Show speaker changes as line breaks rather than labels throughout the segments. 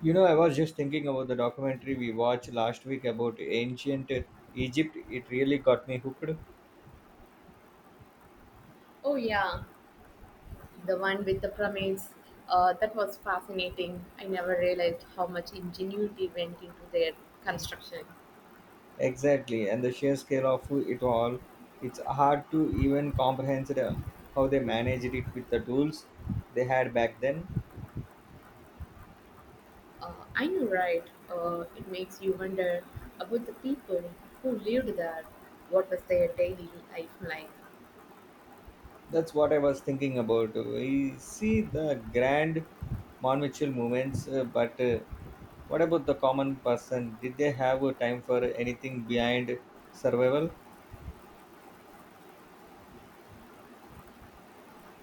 You know, I was just thinking about the documentary we watched last week about ancient Egypt. It really got me hooked.
Oh yeah, the one with the pyramids. That was fascinating. I never realized how much ingenuity went into their construction.
Exactly, and the sheer scale of it all. It's hard to even comprehend, how they managed it with the tools they had back then.
I know, right? It makes you wonder about the people who lived there. What was their daily life like?
That's what I was thinking about. We see the grand monumental movements, but what about the common person? Did they have time for anything behind survival?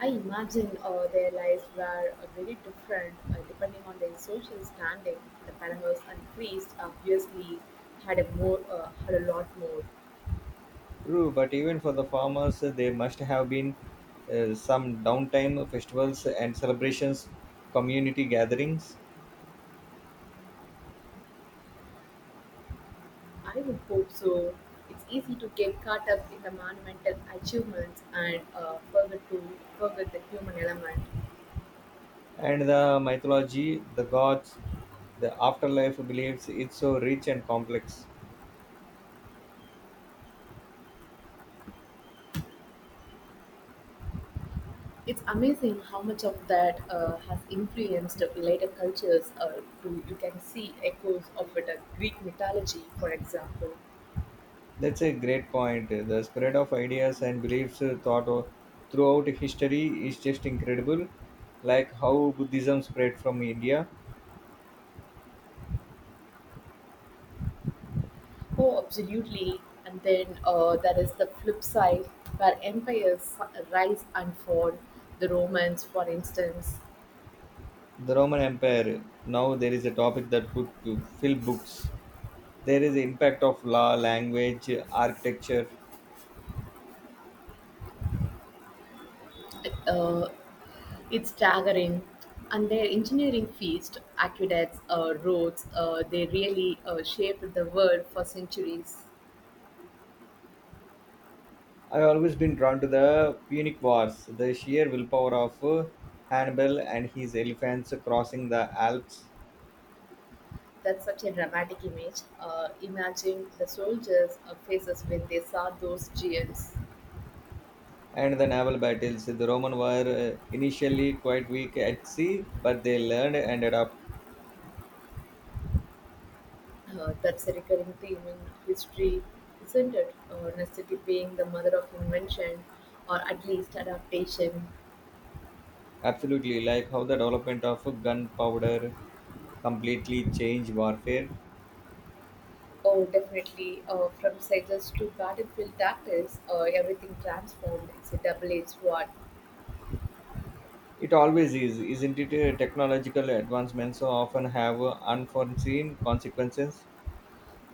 I imagine their lives were very different depending on their social standing. The pharaohs and priests obviously had a lot more.
True, but even for the farmers, there must have been some downtime, festivals and celebrations, community gatherings,
I would hope so. It's easy to get caught up in the monumental achievements and forget the human element.
and the mythology, the gods, the afterlife beliefs. It's so rich and complex.
It's amazing how much of that has influenced later cultures. You can see echoes of it in Greek mythology, for example.
That's a great point. The spread of ideas and beliefs, throughout history is just incredible. Like how Buddhism spread from India,
Oh, absolutely. And then there is the flip side where empires rise and fall. The Romans, for instance,
the Roman Empire. Now there is a topic that could fill books. There is impact of law language architecture.
uh, it's staggering. And their engineering feast, aqueducts, roads, they really shaped the world for centuries.
I've always been drawn to the Punic Wars, the sheer willpower of Hannibal and his elephants crossing the Alps,
That's such a dramatic image. Imagine the soldiers' faces when they saw those giants.
and the naval battles. The Roman were initially quite weak at sea, but they learned and adapted.
That's a recurring theme in history, isn't it? Necessity being the mother of invention, or at least adaptation.
Absolutely, like how the development of gunpowder completely changed warfare.
Oh, definitely. From sages to battlefield tactics, everything transformed. It's a double-edged sword.
It always is, isn't it? Technological advancements so often have unforeseen consequences.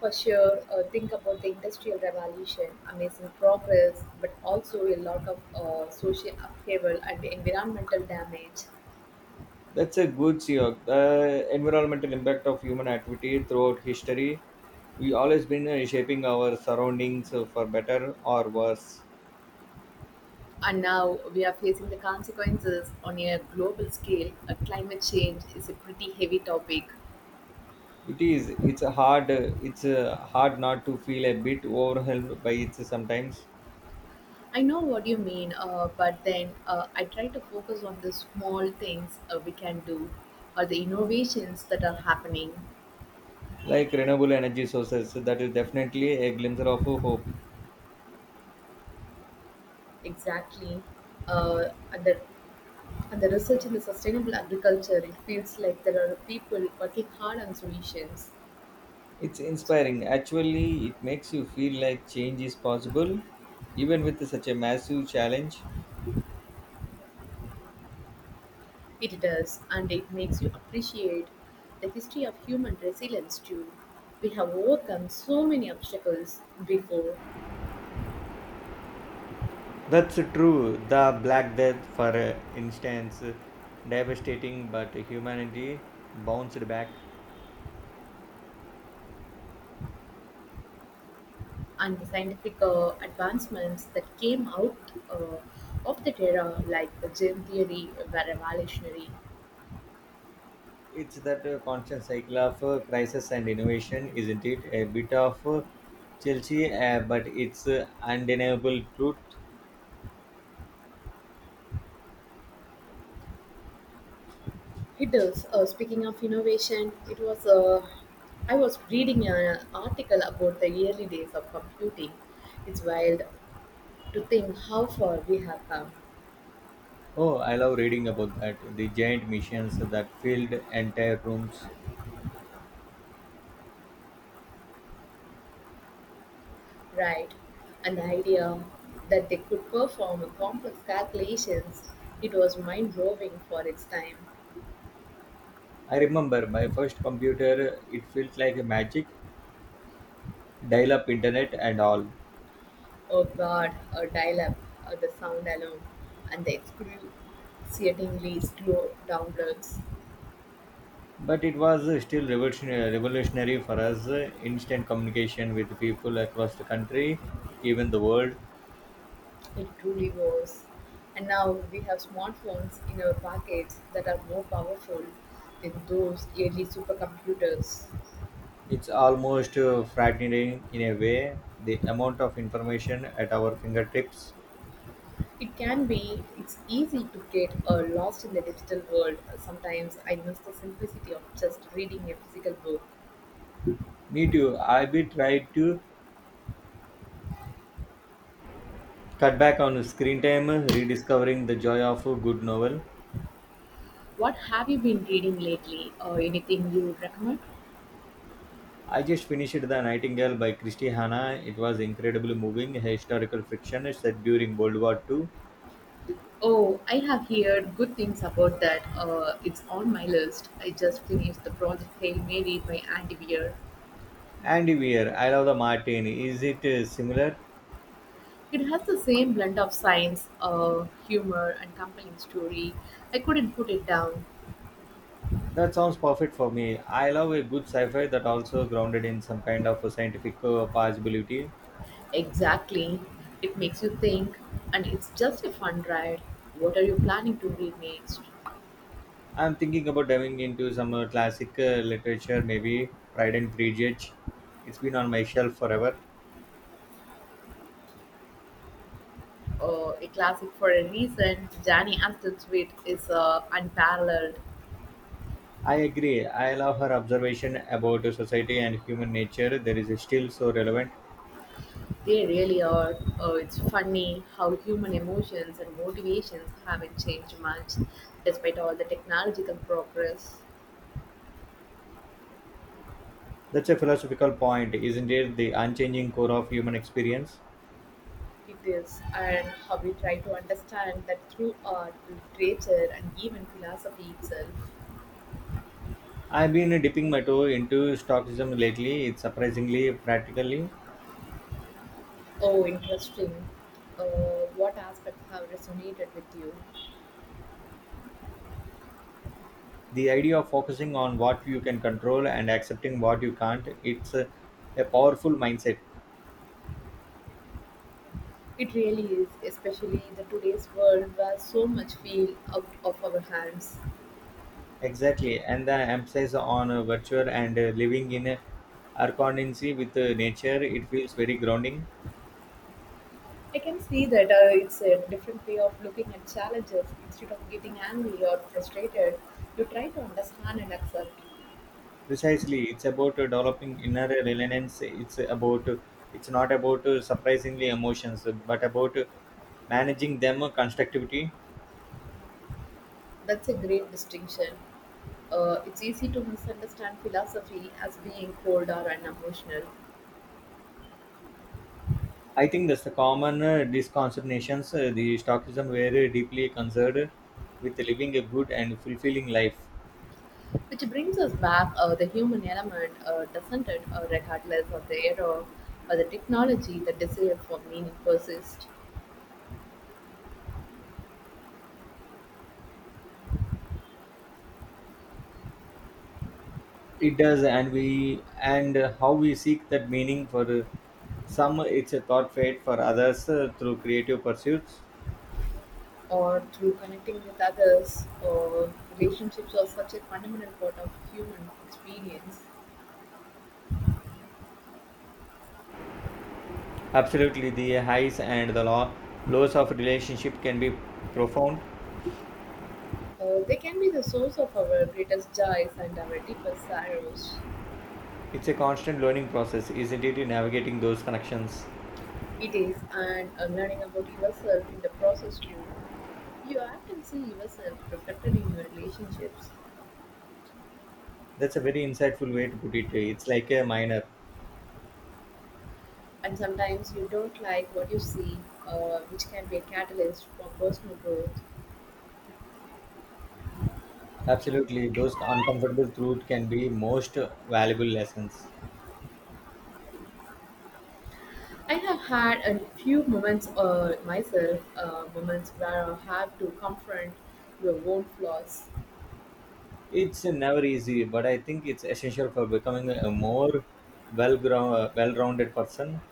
For sure, think about the Industrial Revolution, amazing progress, but also a lot of social upheaval and environmental damage.
That's a good CEO. The environmental impact of human activity throughout history, we always been shaping our surroundings, for better or worse.
And now we are facing the consequences on a global scale. Climate change is a pretty heavy topic.
It is. It's a hard. It's hard not to feel a bit overwhelmed by it sometimes.
I know what you mean, but then I try to focus on the small things we can do or the innovations that are happening.
Like renewable energy sources, that is definitely a glimpse of hope.
Exactly. Uh, and the And the research in the sustainable agriculture, it feels like there are people working hard on solutions.
It's inspiring. Actually, it makes you feel like change is possible, even with such a massive challenge.
It does, and it makes you appreciate the history of human resilience too. We have overcome so many obstacles before,
That's true. The Black Death, for instance, devastating, but humanity bounced back.
and the scientific advancements that came out of that era, like the gene theory, were revolutionary.
It's that constant cycle of crisis and innovation, isn't it? A bit of Chelsea, but it's undeniable truth.
It does. Speaking of innovation, it was. I was reading an article about the early days of computing. It's wild to think how far we have come,
Oh, I love reading about that. The giant machines that filled entire rooms.
right? And the idea that they could perform complex calculations, it was mind blowing for its time.
I remember my first computer, it felt like magic, dial up internet and all.
Oh God, a dial-up, the sound alone, and the excruciatingly slow downloads.
But it was still revolutionary for us, instant communication with people across the country, even the world.
It truly was. And now we have smartphones in our pockets that are more powerful than those early supercomputers.
It's almost frightening in a way, the amount of information at our fingertips.
It can be, it's easy to get lost in the digital world. Sometimes I miss the simplicity of just reading a physical book.
Me too, I be tried to cut back on screen time, rediscovering the joy of a good novel.
What have you been reading lately or anything you would recommend?
I just finished The Nightingale by Christy Hanna. It was incredibly moving historical fiction set during World War II.
Oh, I have heard good things about that. It's on my list. I just finished the project Hail Mary by Andy Weir.
And here I love The Martin, is it similar?
It has the same blend of science, humor, and compelling story. I couldn't put it down.
That sounds perfect for me. I love a good sci-fi that also grounded in some kind of a scientific possibility.
Exactly. It makes you think, and it's just a fun ride. What are you planning to read next?
I'm thinking about diving into some classic literature, maybe Pride and Prejudice. It's been on my shelf forever.
A classic for a reason. Danny Aston's wit is unparalleled.
I agree. I love her observation about society and human nature. There is still so relevant.
They really are. It's funny how human emotions and motivations haven't changed much despite all the technological progress.
That's a philosophical point, isn't it? The unchanging core of human experience.
It is, and how we try to understand that through art, literature, and even philosophy itself.
I've been dipping my toe into Stoicism lately. It's surprisingly practically
Oh, interesting. What aspects have resonated with you?
the idea of focusing on what you can control and accepting what you can't. It's a powerful mindset.
It really is, especially in the today's world where so much feel out of our hands.
Exactly. And the emphasis on virtue and living in arconincy with nature, it feels very grounding.
I can see that it's a different way of looking at challenges. Instead of getting angry or frustrated, you try to understand and accept.
Precisely, it's about developing inner resilience. It's not about surprisingly emotions, but about managing them constructively.
That's a great distinction. It's easy to misunderstand philosophy as being cold or unemotional,
I think that's the common misconceptions. The Stoicism were deeply concerned with living a good and fulfilling life.
which brings us back the human element, doesn't it, regardless of the era or the technology, the desire for meaning persists,
It does, and we and how we seek that meaning for some, it's a thought fate for others through creative pursuits.
or through connecting with others, or relationships are such a fundamental part of human experience.
Absolutely, the highs and the lows of relationship can be profound.
They can be the source of our greatest joys and our deepest sorrows.
It's a constant learning process, isn't it? In navigating those connections,
It is, and learning about yourself in the process too. You often see yourself reflected in your relationships,
that's a very insightful way to put it. It's like a minor.
and sometimes you don't like what you see, which can be a catalyst for personal growth.
Absolutely, those uncomfortable truths can be most valuable lessons.
I have had a few moments myself, moments where I have to confront your own flaws,
It's never easy, but I think it's essential for becoming a more well well-rounded person.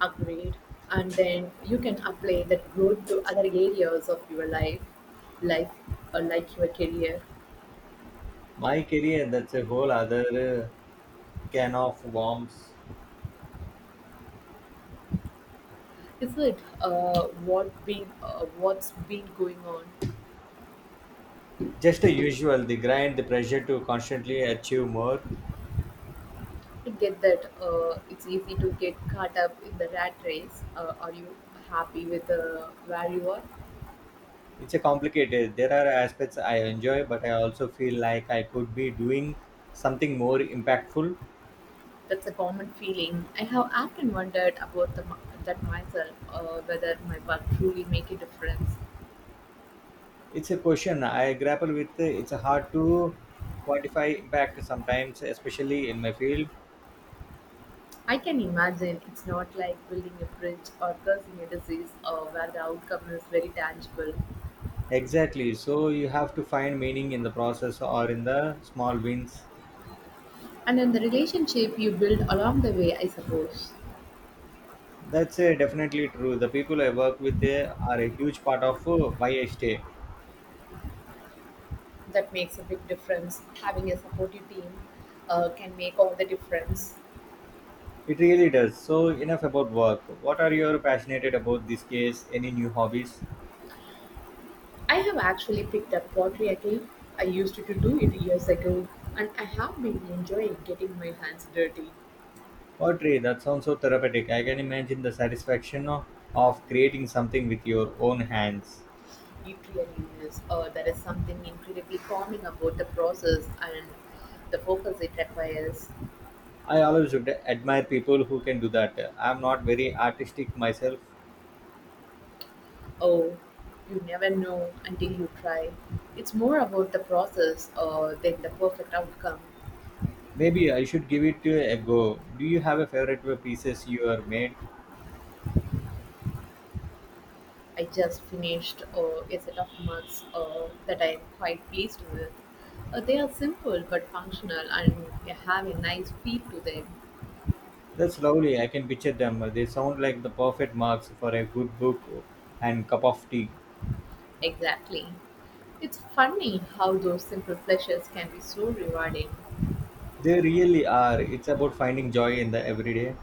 upgrade, and then you can apply that growth to other areas of your life or like your career.
My career, that's a whole other can of worms.
Is it what been what's been going on?
Just the usual, the grind, the pressure to constantly achieve more.
I get that it's easy to get caught up in the rat race. Are you happy with where you are?
It's a complicated. There are aspects I enjoy, but I also feel like I could be doing something more impactful.
That's a common feeling. I have often wondered about that myself, whether my work truly make a difference.
It's a question I grapple with. It's hard to quantify impact sometimes, especially in my field.
I can imagine it's not like building a bridge or cursing a disease where the outcome is very tangible.
Exactly. So you have to find meaning in the process or in the small wins.
And in the relationship you build along the way, I suppose,
That's definitely true. The people I work with are a huge part of why I stay.
that makes a big difference. Having a supportive team can make all the difference.
It really does. So enough about work. What are you passionate about this case? Any new hobbies?
I have actually picked up pottery again. I used to do it years ago, and I have been enjoying getting my hands dirty.
Pottery. That sounds so therapeutic. I can imagine the satisfaction of creating something with your own hands.
It really is. There is something incredibly calming about the process and the focus it requires.
I always would admire people who can do that. I'm not very artistic myself.
Oh, you never know until you try. It's more about the process than the perfect outcome.
Maybe I should give it a go. Do you have a favorite pieces you are made?
I just finished a set of mugs that I am quite pleased with. They are simple but functional and they have a nice feel to them.
That's lovely. I can picture them. They sound like the perfect marks for a good book and cup of tea.
Exactly. It's funny how those simple pleasures can be so rewarding,
They really are. It's about finding joy in the everyday.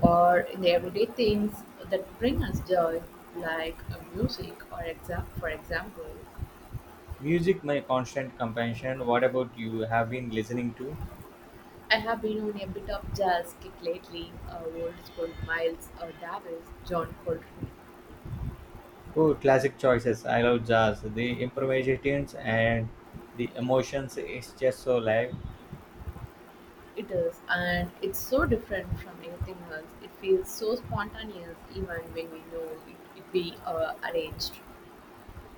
or in the everyday things that bring us joy, like music or exam. For example,
Music, my constant companion. What about you? Have been listening to?
I have been on a bit of jazz kick lately. Old school Miles Davis, John Coltrane,
Oh, classic choices. I love jazz. The improvisations and the emotions is just so live.
it is, and it's so different from anything else. It feels so spontaneous, even when we know it be arranged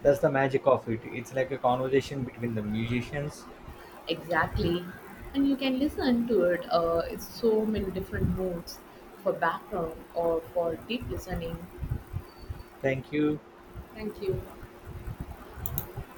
That's the magic of it. It's like a conversation between the musicians.
exactly. And you can listen to it it's so many different moods for background or for deep listening.
Thank you.
Thank you.